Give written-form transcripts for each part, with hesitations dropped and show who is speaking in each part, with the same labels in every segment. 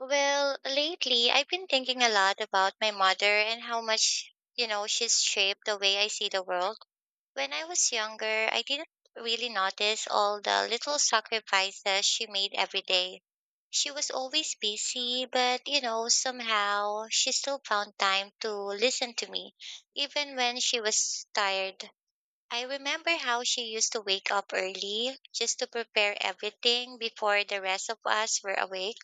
Speaker 1: Well, lately I've been thinking a lot about my mother and how much she's shaped the way I see the world. When I was younger, I didn't really notice all the little sacrifices she made every day. She was always busy, but somehow she still found time to listen to me, even when she was tired. I remember how she used to wake up early just to prepare everything before the rest of us were awake.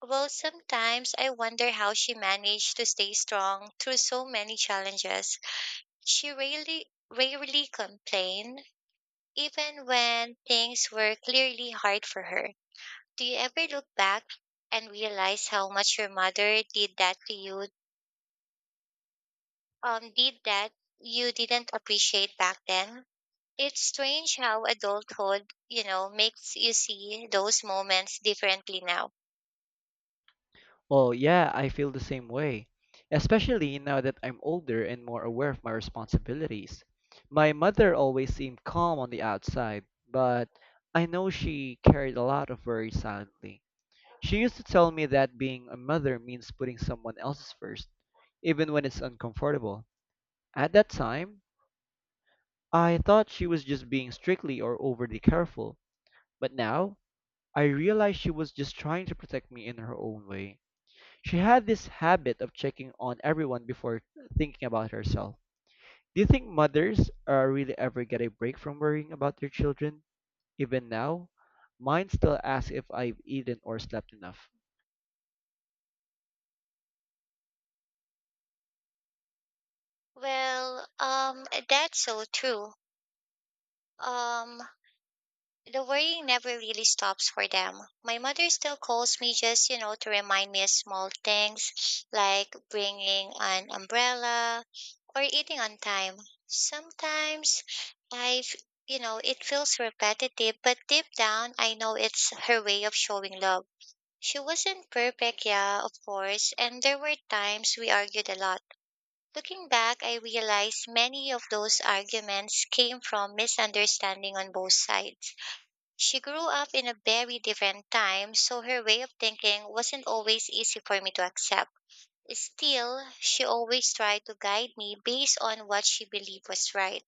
Speaker 1: Well, sometimes I wonder how she managed to stay strong through so many challenges. She rarely complained, even when things were clearly hard for her. Do you ever look back and realize how much your mother did that to you? Did that you didn't appreciate back then? It's strange how adulthood makes you see those moments differently now.
Speaker 2: Well, yeah, I feel the same way, especially now that I'm older and more aware of my responsibilities. My mother always seemed calm on the outside, but I know she carried a lot of worries silently. She used to tell me that being a mother means putting someone else's first, even when it's uncomfortable. At that time, I thought she was just being strictly or overly careful, but now I realize she was just trying to protect me in her own way. She had this habit of checking on everyone before thinking about herself. Do you think mothers really ever get a break from worrying about their children? Even now, mine still ask if I've eaten or slept enough.
Speaker 1: Well, that's so true. Um, The worrying never really stops for them. My mother still calls me just to remind me of small things like bringing an umbrella or eating on time. Sometimes I've, it feels repetitive, but deep down I know it's her way of showing love. She wasn't perfect, yeah, of course, and there were times we argued a lot. Looking back, I realized many of those arguments came from misunderstanding on both sides. She grew up in a very different time, so her way of thinking wasn't always easy for me to accept. Still, she always tried to guide me based on what she believed was right.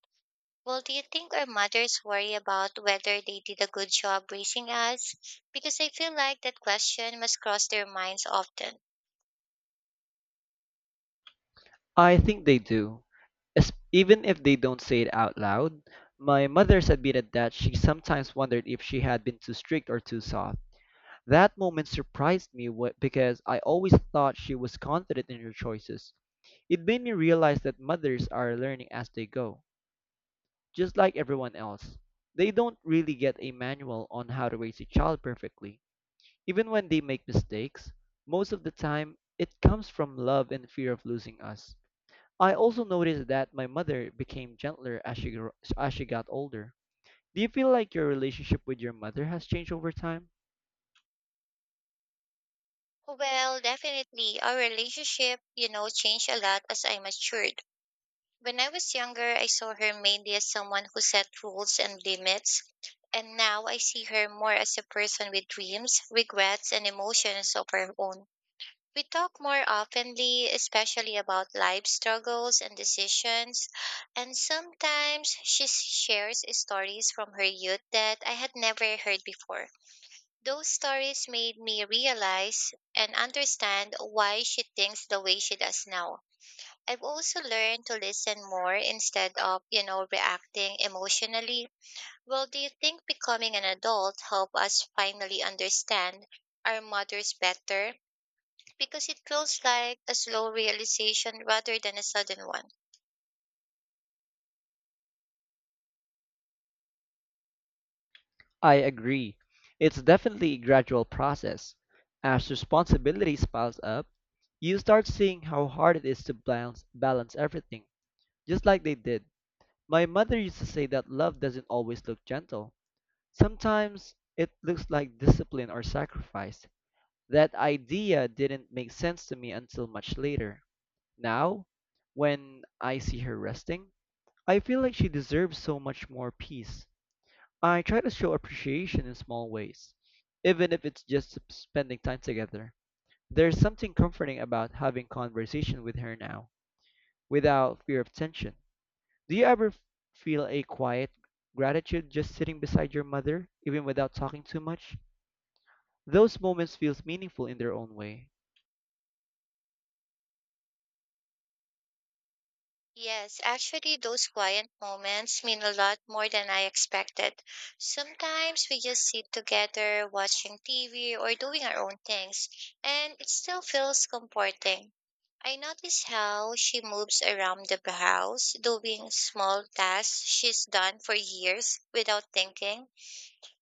Speaker 1: Well, do you think our mothers worry about whether they did a good job raising us? Because I feel like that question must cross their minds often.
Speaker 2: I think they do. Even if they don't say it out loud, my mother's admitted that she sometimes wondered if she had been too strict or too soft. That moment surprised me because I always thought she was confident in her choices. It made me realize that mothers are learning as they go, just like everyone else. They don't really get a manual on how to raise a child perfectly. Even when they make mistakes, most of the time it comes from love and fear of losing us. I also noticed that my mother became gentler as as she got older. Do you feel like your relationship with your mother has changed over time?
Speaker 1: Well, definitely. Our relationship changed a lot as I matured. When I was younger, I saw her mainly as someone who set rules and limits, and now I see her more as a person with dreams, regrets, and emotions of her own. We talk more openly, especially about life struggles and decisions, and sometimes she shares stories from her youth that I had never heard before. Those stories made me realize and understand why she thinks the way she does now. I've also learned to listen more instead of reacting emotionally. Well, do you think becoming an adult helped us finally understand our mothers better? Because it feels like a slow realization rather than a sudden one.
Speaker 2: I agree. It's definitely a gradual process. As responsibilities piles up, you start seeing how hard it is to balance everything, just like they did. My mother used to say that love doesn't always look gentle. Sometimes it looks like discipline or sacrifice. That idea didn't make sense to me until much later. Now, when I see her resting, I feel like she deserves so much more peace. I try to show appreciation in small ways, even if it's just spending time together. There's something comforting about having conversation with her now, without fear of tension. Do you ever feel a quiet gratitude just sitting beside your mother, even without talking too much? Those moments feel meaningful in their own way.
Speaker 1: Yes, actually, those quiet moments mean a lot more than I expected. Sometimes we just sit together watching TV or doing our own things, and it still feels comforting. I notice how she moves around the house, doing small tasks she's done for years without thinking.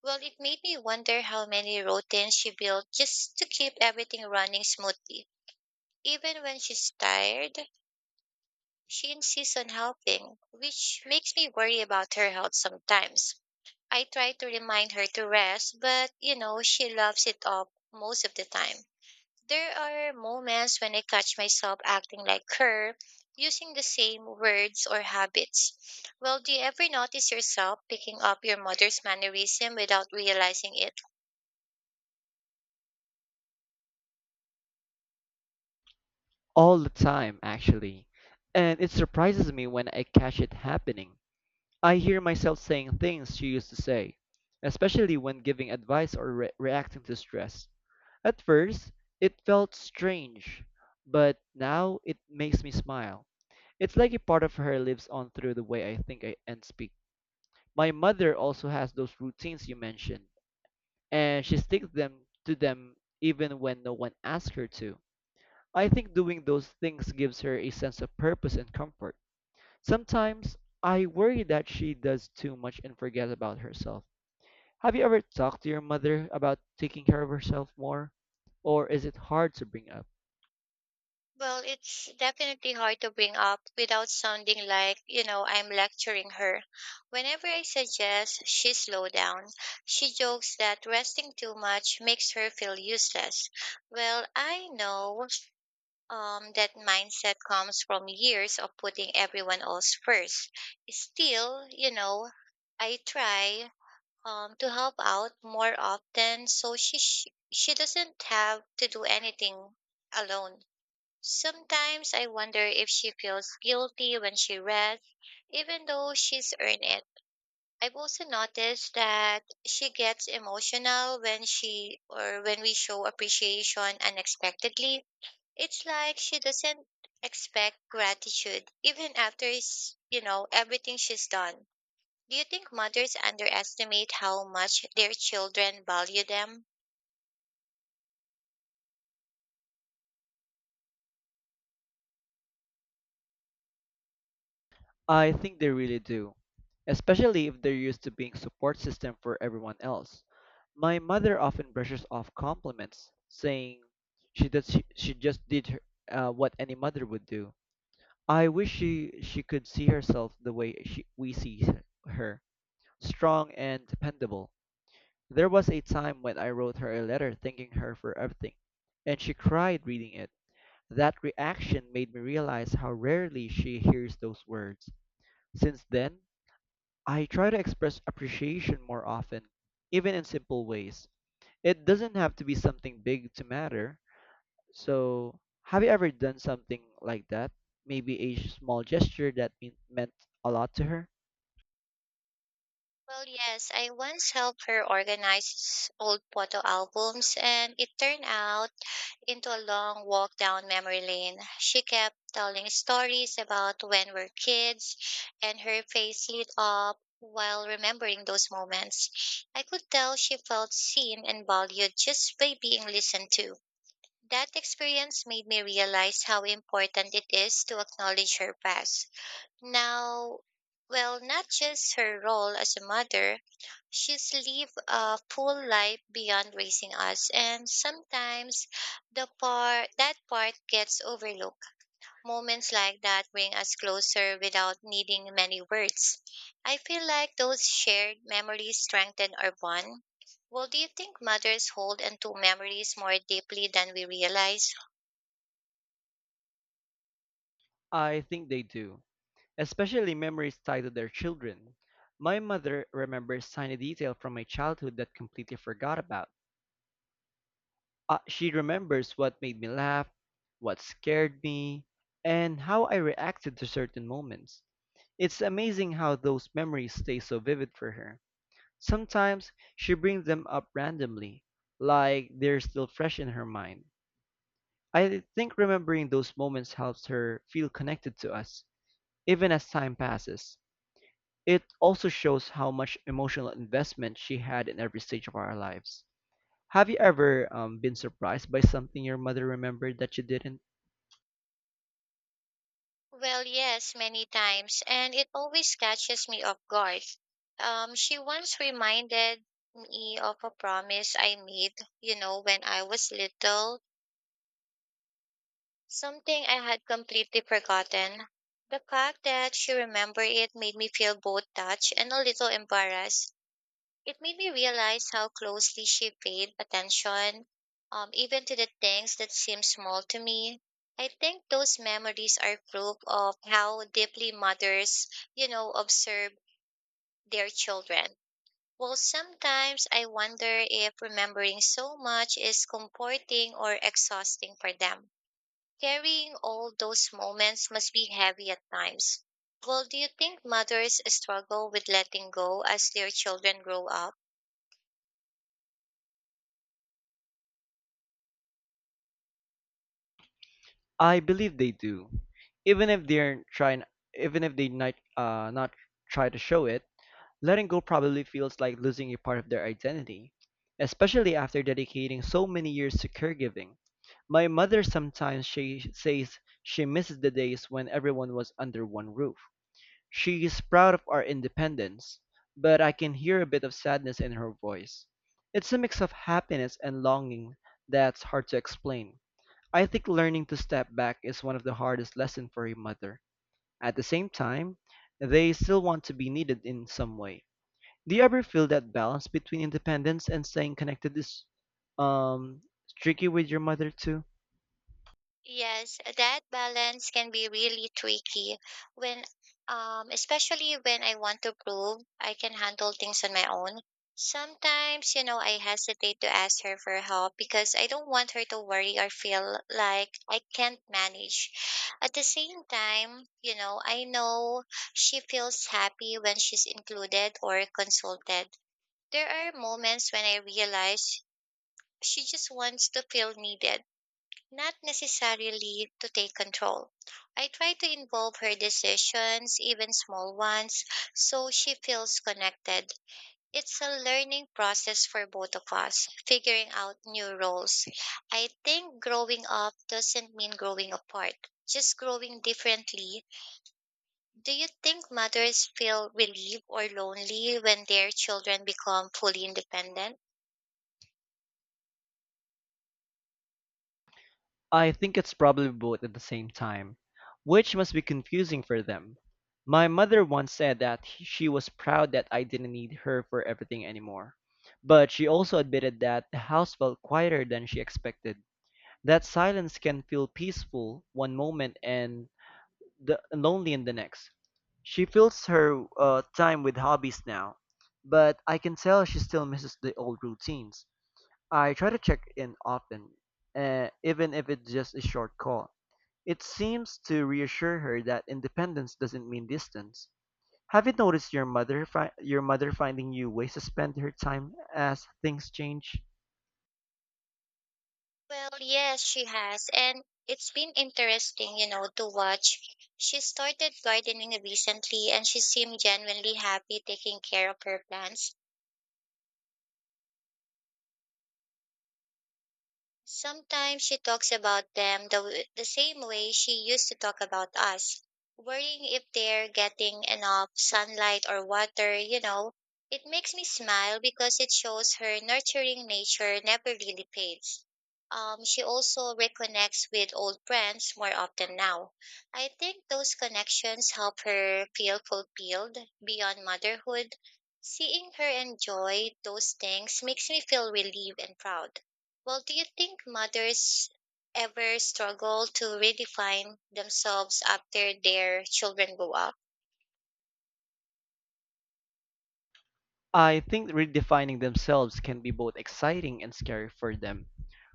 Speaker 1: Well, it made me wonder how many routines she built just to keep everything running smoothly. Even when she's tired, she insists on helping, which makes me worry about her health sometimes. I try to remind her to rest, but she loves it up most of the time. There are moments when I catch myself acting like her, using the same words or habits. Well, do you ever notice yourself picking up your mother's mannerism without realizing it?
Speaker 2: All the time, actually. And it surprises me when I catch it happening. I hear myself saying things she used to say, especially when giving advice or reacting to stress. At first, it felt strange, but now it makes me smile. It's like a part of her lives on through the way I think, and speak. My mother also has those routines you mentioned, and she sticks them to them even when no one asks her to. I think doing those things gives her a sense of purpose and comfort. Sometimes I worry that she does too much and forgets about herself. Have you ever talked to your mother about taking care of herself more? Or is it hard to bring up?
Speaker 1: Well, it's definitely hard to bring up without sounding like I'm lecturing her. Whenever I suggest she slow down, she jokes that resting too much makes her feel useless. Well, I know that mindset comes from years of putting everyone else first. Still, I try to help out more often so she doesn't have to do anything alone. Sometimes I wonder if she feels guilty when she rests, even though she's earned it. I've also noticed that she gets emotional when she or when we show appreciation unexpectedly. It's like she doesn't expect gratitude even after everything she's done. Do you think mothers underestimate how much their children value them?
Speaker 2: I think they really do, especially if they're used to being support system for everyone else. My mother often brushes off compliments, saying she just did her what any mother would do. I wish she could see herself the way we see her, strong and dependable. There was a time when I wrote her a letter thanking her for everything, and she cried reading it. That reaction made me realize how rarely she hears those words. Since then, I try to express appreciation more often, even in simple ways. It doesn't have to be something big to matter. So, have you ever done something like that? Maybe a small gesture that meant a lot to her?
Speaker 1: Well, yes, I once helped her organize old photo albums, and it turned out into a long walk down memory lane. She kept telling stories about when we're kids, and her face lit up while remembering those moments. I could tell she felt seen and valued just by being listened to. That experience made me realize how important it is to acknowledge her past now, well, not just her role as a mother. She's lived a full life beyond raising us, and sometimes the part that part gets overlooked. Moments like that bring us closer without needing many words. I feel like those shared memories strengthen our bond. Well, do you think mothers hold onto memories more deeply than we realize?
Speaker 2: I think they do, especially memories tied to their children. My mother remembers tiny detail from my childhood that completely forgot about. She remembers what made me laugh, what scared me, and how I reacted to certain moments. It's amazing how those memories stay so vivid for her. Sometimes she brings them up randomly, like they're still fresh in her mind. I think remembering those moments helps her feel connected to us, even as time passes. It also shows how much emotional investment she had in every stage of our lives. Have you ever been surprised by something your mother remembered that you didn't?
Speaker 1: Well, yes, many times, and it always catches me off guard. She once reminded me of a promise I made when I was little, something I had completely forgotten. The fact that she remembered it made me feel both touched and a little embarrassed. It made me realize how closely she paid attention, even to the things that seem small to me. I think those memories are proof of how deeply mothers observe their children. Well, sometimes I wonder if remembering so much is comforting or exhausting for them. Carrying all those moments must be heavy at times. Well, do you think mothers struggle with letting go as their children grow up?
Speaker 2: I believe they do, even if they're trying, even if they not try to show it. Letting go probably feels like losing a part of their identity, especially after dedicating so many years to caregiving. My mother sometimes she says she misses the days when everyone was under one roof. She is proud of our independence, but I can hear a bit of sadness in her voice. It's a mix of happiness and longing that's hard to explain. I think learning to step back is one of the hardest lessons for a mother. At the same time, they still want to be needed in some way. Do you ever feel that balance between independence and staying connected is um tricky with your mother too?
Speaker 1: Yes, that balance can be really tricky when, especially when I want to prove I can handle things on my own. Sometimes, I hesitate to ask her for help because I don't want her to worry or feel like I can't manage. At the same time, I know she feels happy when she's included or consulted. There are moments when I realize she just wants to feel needed, not necessarily to take control. I try to involve her decisions, even small ones, so she feels connected. It's a learning process for both of us, figuring out new roles. I think growing up doesn't mean growing apart, just growing differently. Do you think mothers feel relieved or lonely when their children become fully independent?
Speaker 2: I think it's probably both at the same time, which must be confusing for them. My mother once said that she was proud that I didn't need her for everything anymore. But she also admitted that the house felt quieter than she expected. That silence can feel peaceful one moment and lonely in the next. She fills her time with hobbies now, but I can tell she still misses the old routines. I try to check in often, even if it's just a short call. It seems to reassure her that independence doesn't mean distance. Have you noticed your mother finding new ways to spend her time as things change?
Speaker 1: Well, yes, she has. And it's been interesting, to watch. She started gardening recently and she seemed genuinely happy taking care of her plants. Sometimes she talks about them the same way she used to talk about us, worrying if they're getting enough sunlight or water. It makes me smile because it shows her nurturing nature never really fades. She also reconnects with old friends more often now. I think those connections help her feel fulfilled beyond motherhood. Seeing her enjoy those things makes me feel relieved and proud. Well, do you think mothers ever struggle to redefine themselves after their children grow up?
Speaker 2: I think redefining themselves can be both exciting and scary for them.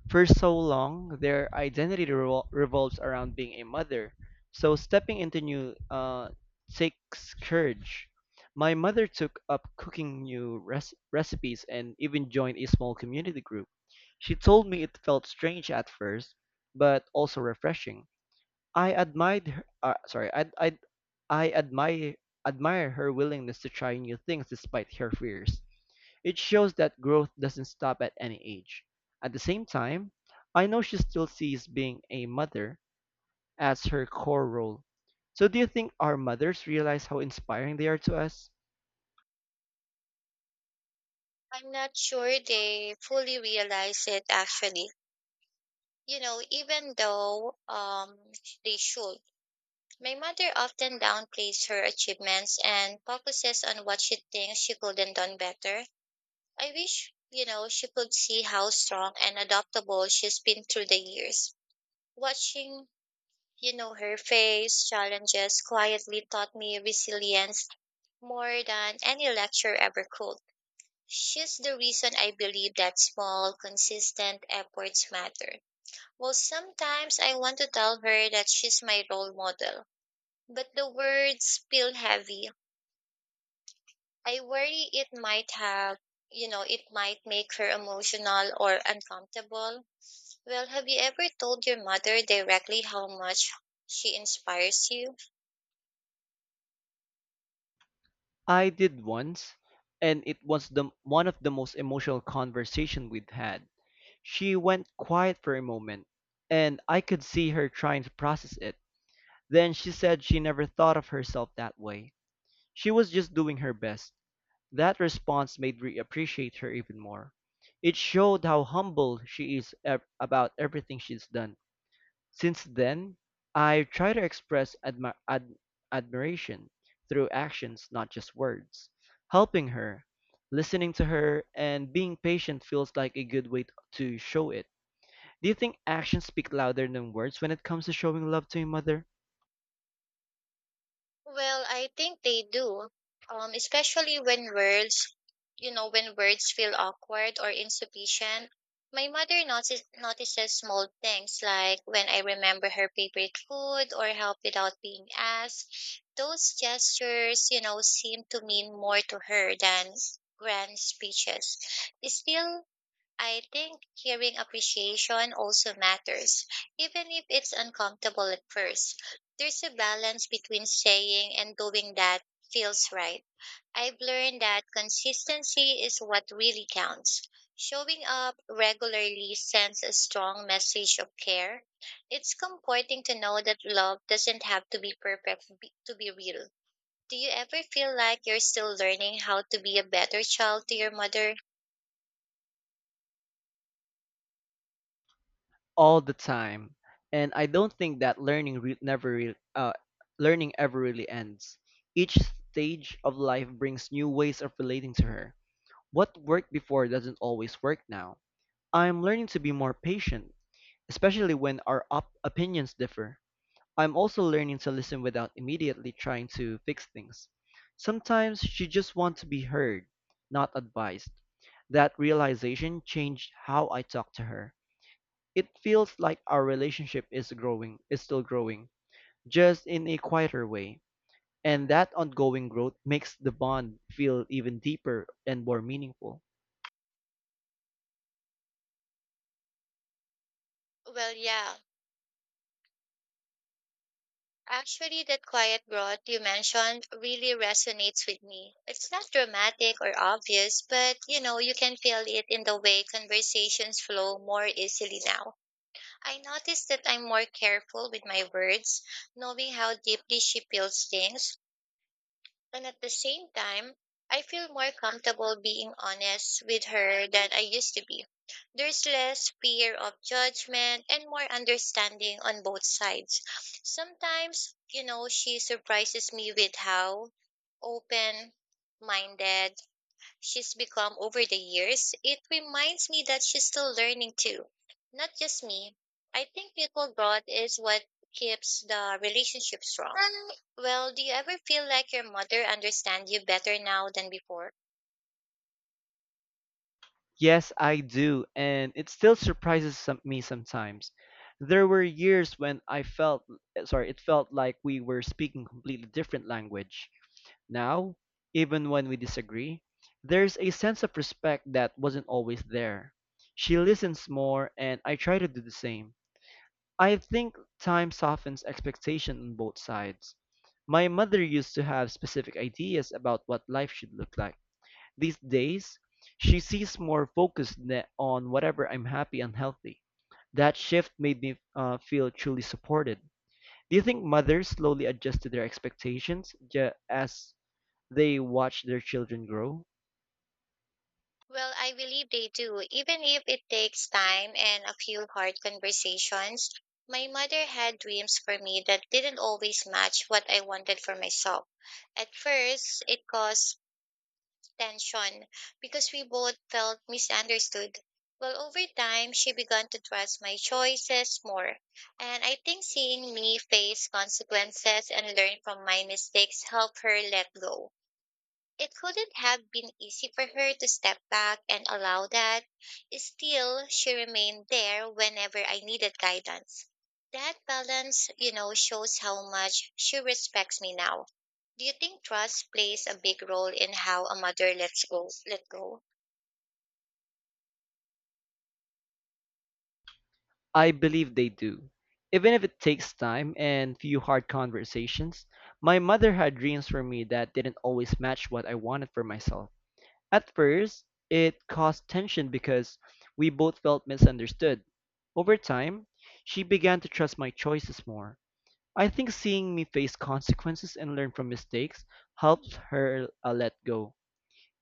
Speaker 2: For so long, their identity revolves around being a mother, so stepping into new, takes courage. My mother took up cooking recipes and even joined a small community group. She told me it felt strange at first, but also refreshing. I admired her, uh, sorry, I, I, I admire her willingness to try new things despite her fears. It shows that growth doesn't stop at any age. At the same time, I know she still sees being a mother as her core role. So, do you think our mothers realize how inspiring they are to us?
Speaker 1: I'm not sure they fully realize it, actually. Even though they should. My mother often downplays her achievements and focuses on what she thinks she could have done better. I wish, she could see how strong and adaptable she's been through the years. Watching Her face challenges quietly taught me resilience more than any lecture ever could. She's the reason I believe that small, consistent efforts matter. Well, sometimes I want to tell her that she's my role model, but the words feel heavy. I worry it might have, you know, it might make her emotional or uncomfortable. Well, have you ever told your mother directly how much she inspires you?
Speaker 2: I did once, and it was the one of the most emotional conversation we'd had. She went quiet for a moment, and I could see her trying to process it. Then she said she never thought of herself that way. She was just doing her best. That response made me appreciate her even more. It showed how humble she is about everything she's done. Since then, I try to express admiration through actions, not just words. Helping her, listening to her, and being patient feels like a good way to show it. Do you think actions speak louder than words when it comes to showing love to a mother?
Speaker 1: Well, I think they do. Especially when words feel awkward or insufficient. My mother notices small things like when I remember her favorite food or help without being asked. Those gestures, seem to mean more to her than grand speeches. Still, I think hearing appreciation also matters, even if it's uncomfortable at first. There's a balance between saying and doing that feels right. I've learned that consistency is what really counts. Showing up regularly sends a strong message of care. It's comforting to know that love doesn't have to be perfect to be real. Do you ever feel like you're still learning how to be a better child to your mother?
Speaker 2: All the time. And I don't think that learning re- never re- learning ever really ends. Each stage of life brings new ways of relating to her. What worked before doesn't always work now. I'm learning to be more patient, especially when our opinions differ. I'm also learning to listen without immediately trying to fix things. Sometimes she just wants to be heard, not advised. That realization changed how I talk to her. It feels like our is still growing, just in a quieter way. And that ongoing growth makes the bond feel even deeper and more meaningful.
Speaker 1: Well, yeah. Actually, that quiet broth you mentioned really resonates with me. It's not dramatic or obvious, but you can feel it in the way conversations flow more easily now. I notice that I'm more careful with my words, knowing how deeply she feels things. And at the same time, I feel more comfortable being honest with her than I used to be. There's less fear of judgment and more understanding on both sides. Sometimes, she surprises me with how open minded she's become over the years. It reminds me that she's still learning too, not just me. I think mutual growth is what keeps the relationship strong. Well, do you ever feel like your mother understands you better now than before?
Speaker 2: Yes, I do, and it still me sometimes. There were years when it felt like we were speaking completely different language. Now, even when we disagree, there's a sense of respect that wasn't always there. She listens more, and I try to do the same. I think time softens expectation on both sides. My mother used to have specific ideas about what life should look like. These days, she sees more on whatever I'm happy and healthy. That shift made me feel truly supported. Do you think mothers slowly adjust to their expectations as they watch their children grow?
Speaker 1: Well, I believe they do, even if it takes time and a few hard conversations. My mother had dreams for me that didn't always match what I wanted for myself. At first, it caused tension because we both felt misunderstood. Well, over time, she began to trust my choices more. And I think seeing me face consequences and learn from my mistakes helped her let go. It couldn't have been easy for her to step back and allow that. Still, she remained there whenever I needed guidance. That balance, you know, shows how much she respects me now. Do you think trust plays a big role in how a mother lets go, let go?
Speaker 2: I believe they do. Even if it takes time and few hard conversations, my mother had dreams for me that didn't always match what I wanted for myself. At first, it caused tension because we both felt misunderstood. Over time, she began to trust my choices more. I think seeing me face consequences and learn from mistakes helped her let go.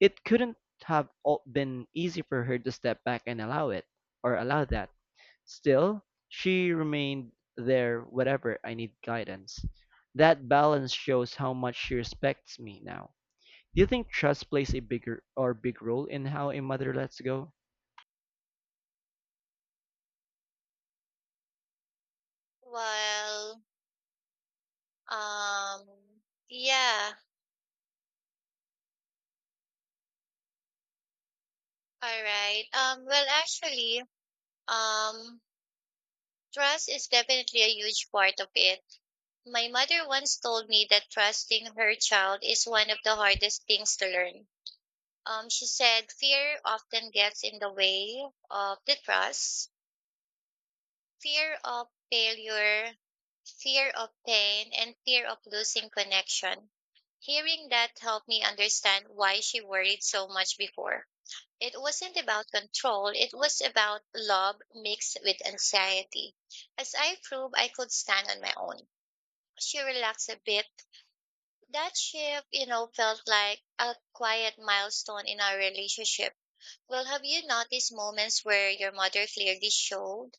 Speaker 2: It couldn't have all been easy for her to step back and allow it, or allow that. Still, she remained there whenever I need guidance. That balance shows how much she respects me now. Do you think trust plays a bigger or big role in how a mother lets go?
Speaker 1: Well, um, yeah, all right. Well, actually, um, trust is definitely a huge part of it. My mother once told me that trusting her child is one of the hardest things to learn. She said fear often gets in the way of the trust, fear of failure, fear of pain, and fear of losing connection. Hearing that helped me understand why she worried so much before. It wasn't about control, it was about love mixed with anxiety. As I proved I could stand on my own, she relaxed a bit. That shift, you know, felt like a quiet milestone in our relationship. Well, have you noticed moments where your mother clearly showed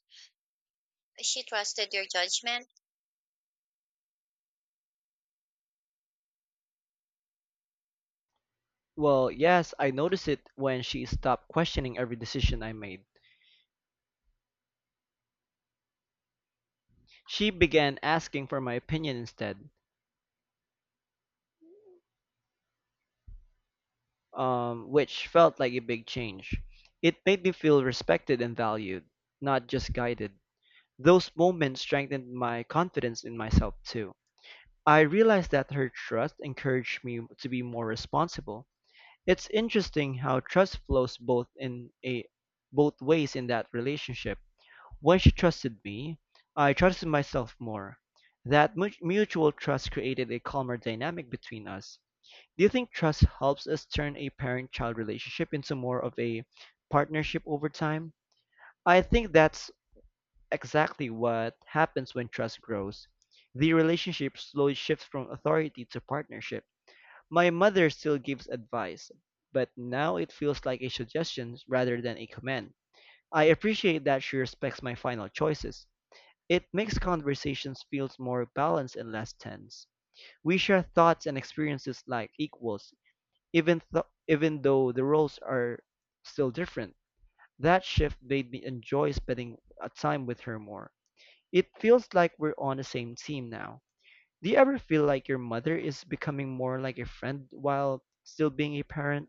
Speaker 1: she trusted your judgment?
Speaker 2: Well, yes, I noticed it when she stopped questioning every decision I made. She began asking for my opinion instead, which felt like a big change. It made me feel respected and valued, not just guided. Those moments strengthened my confidence in myself too. I realized that her trust encouraged me to be more responsible. It's interesting how trust flows both ways in that relationship. When she trusted me, I trusted myself more. That mutual trust created a calmer dynamic between us. Do you think trust helps us turn a parent-child relationship into more of a partnership over time? I think that's exactly what happens when trust grows. The relationship slowly shifts from authority to partnership. My mother still gives advice, but now it feels like a suggestion rather than a command. I appreciate that she respects my final choices. It makes conversations feel more balanced and less tense. We share thoughts and experiences like equals, even though the roles are still different. That shift made me enjoy spending a time with her more. It feels like we're on the same team now. Do you ever feel like your mother is becoming more like a friend while still being a parent?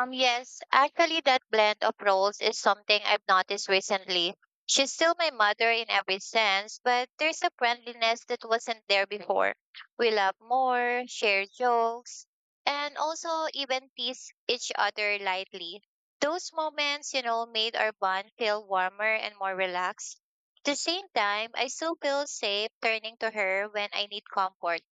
Speaker 1: Yes, actually, that blend of roles is something I've noticed recently. She's still my mother in every sense, but there's a friendliness that wasn't there before. We laugh more, share jokes, and also even tease each other lightly. Those moments, you know, made our bond feel warmer and more relaxed. At the same time, I still feel safe turning to her when I need comfort.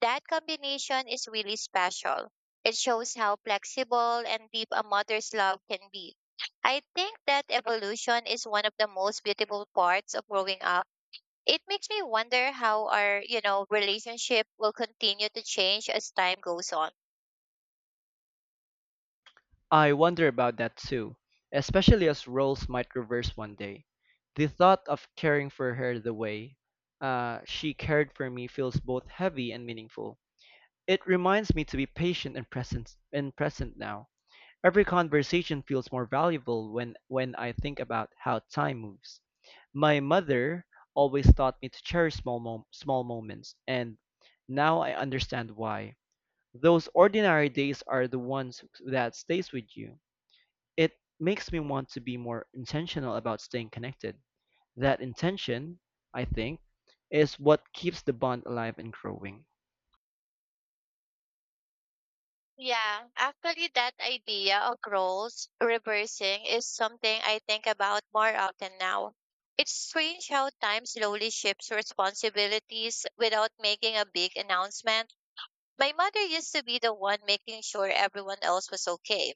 Speaker 1: That combination is really special. It shows how flexible and deep a mother's love can be. I think that evolution is one of the most beautiful parts of growing up. It makes me wonder how our, you know, relationship will continue to change as time goes on.
Speaker 2: I wonder about that too, especially as roles might reverse one day. The thought of caring for her the way she cared for me feels both heavy and meaningful. It reminds me to be patient and present now. Every conversation feels more valuable when I think about how time moves. My mother always taught me to cherish small moments, and now I understand why. Those ordinary days are the ones that stays with you. It makes me want to be more intentional about staying connected. That intention, I think, is what keeps the bond alive and growing.
Speaker 1: Yeah, actually that idea of roles reversing is something I think about more often now. It's strange how time slowly shifts responsibilities without making a big announcement. My mother used to be the one making sure everyone else was okay.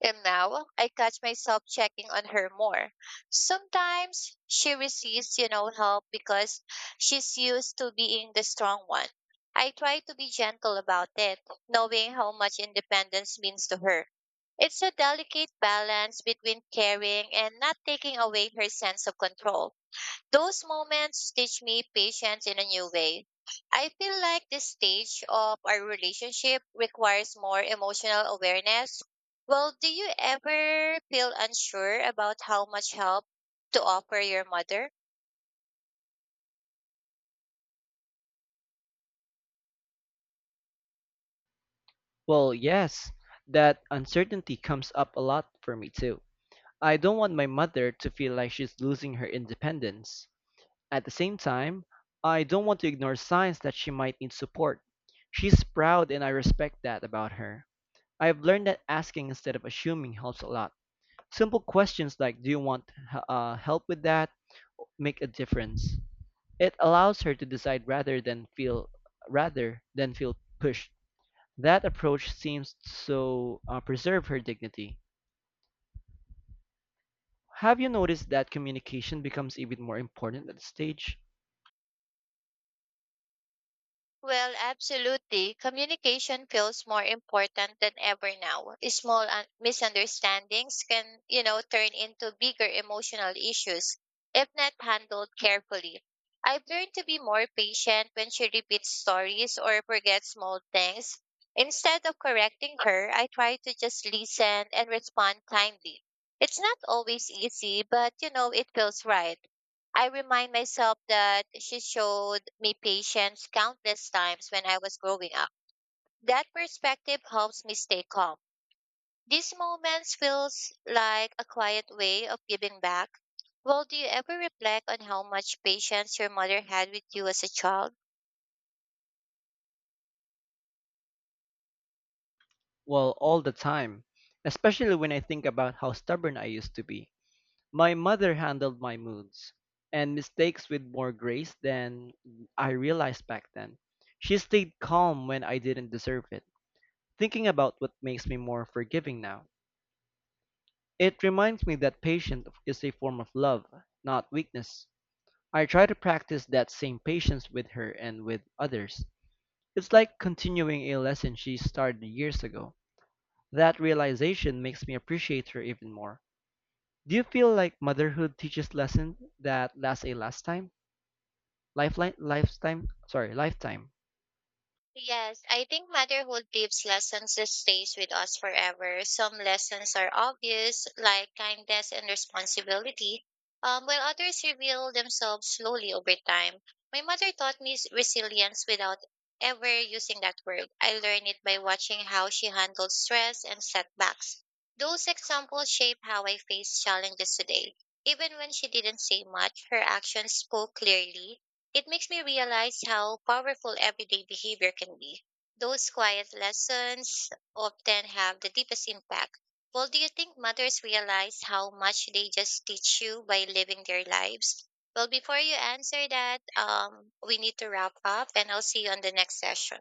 Speaker 1: And now I catch myself checking on her more. Sometimes she receives, you know, help because she's used to being the strong one. I try to be gentle about it, knowing how much independence means to her. It's a delicate balance between caring and not taking away her sense of control. Those moments teach me patience in a new way. I feel like this stage of our relationship requires more emotional awareness. Well, do you ever feel unsure about how much help to offer your mother?
Speaker 2: Well, yes, that uncertainty comes up a lot for me too. I don't want my mother to feel like she's losing her independence. At the same time, I don't want to ignore signs that she might need support. She's proud and I respect that about her. I've learned that asking instead of assuming helps a lot. Simple questions like, do you want help with that? Make a difference. It allows her to decide rather than feel pushed. That approach seems to preserve her dignity. Have you noticed that communication becomes even more important at this stage?
Speaker 1: Well, absolutely. Communication feels more important than ever now. Small misunderstandings can, you know, turn into bigger emotional issues if not handled carefully. I've learned to be more patient when she repeats stories or forgets small things. Instead of correcting her, I try to just listen and respond kindly. It's not always easy, but you know, it feels right. I remind myself that she showed me patience countless times when I was growing up. That perspective helps me stay calm. These moments feels like a quiet way of giving back. Well, do you ever reflect on how much patience your mother had with you as a child?
Speaker 2: Well, all the time, especially when I think about how stubborn I used to be. My mother handled my moods and mistakes with more grace than I realized back then. She stayed calm when I didn't deserve it. Thinking about what makes me more forgiving now. It reminds me that patience is a form of love, not weakness. I try to practice that same patience with her and with others. It's like continuing a lesson she started years ago. That realization makes me appreciate her even more. Do you feel like motherhood teaches lessons that last a lifetime? Lifeline, lifetime, sorry, lifetime.
Speaker 1: Yes, I think motherhood leaves lessons that stays with us forever. Some lessons are obvious, like kindness and responsibility, while others reveal themselves slowly over time. My mother taught me resilience without ever using that word. I learned it by watching how she handled stress and setbacks. Those examples shape how I face challenges today. Even when she didn't say much, her actions spoke clearly. It makes me realize how powerful everyday behavior can be. Those quiet lessons often have the deepest impact. Well, do you think mothers realize how much they just teach you by living their lives? Well, before you answer that, we need to wrap up, and I'll see you on the next session.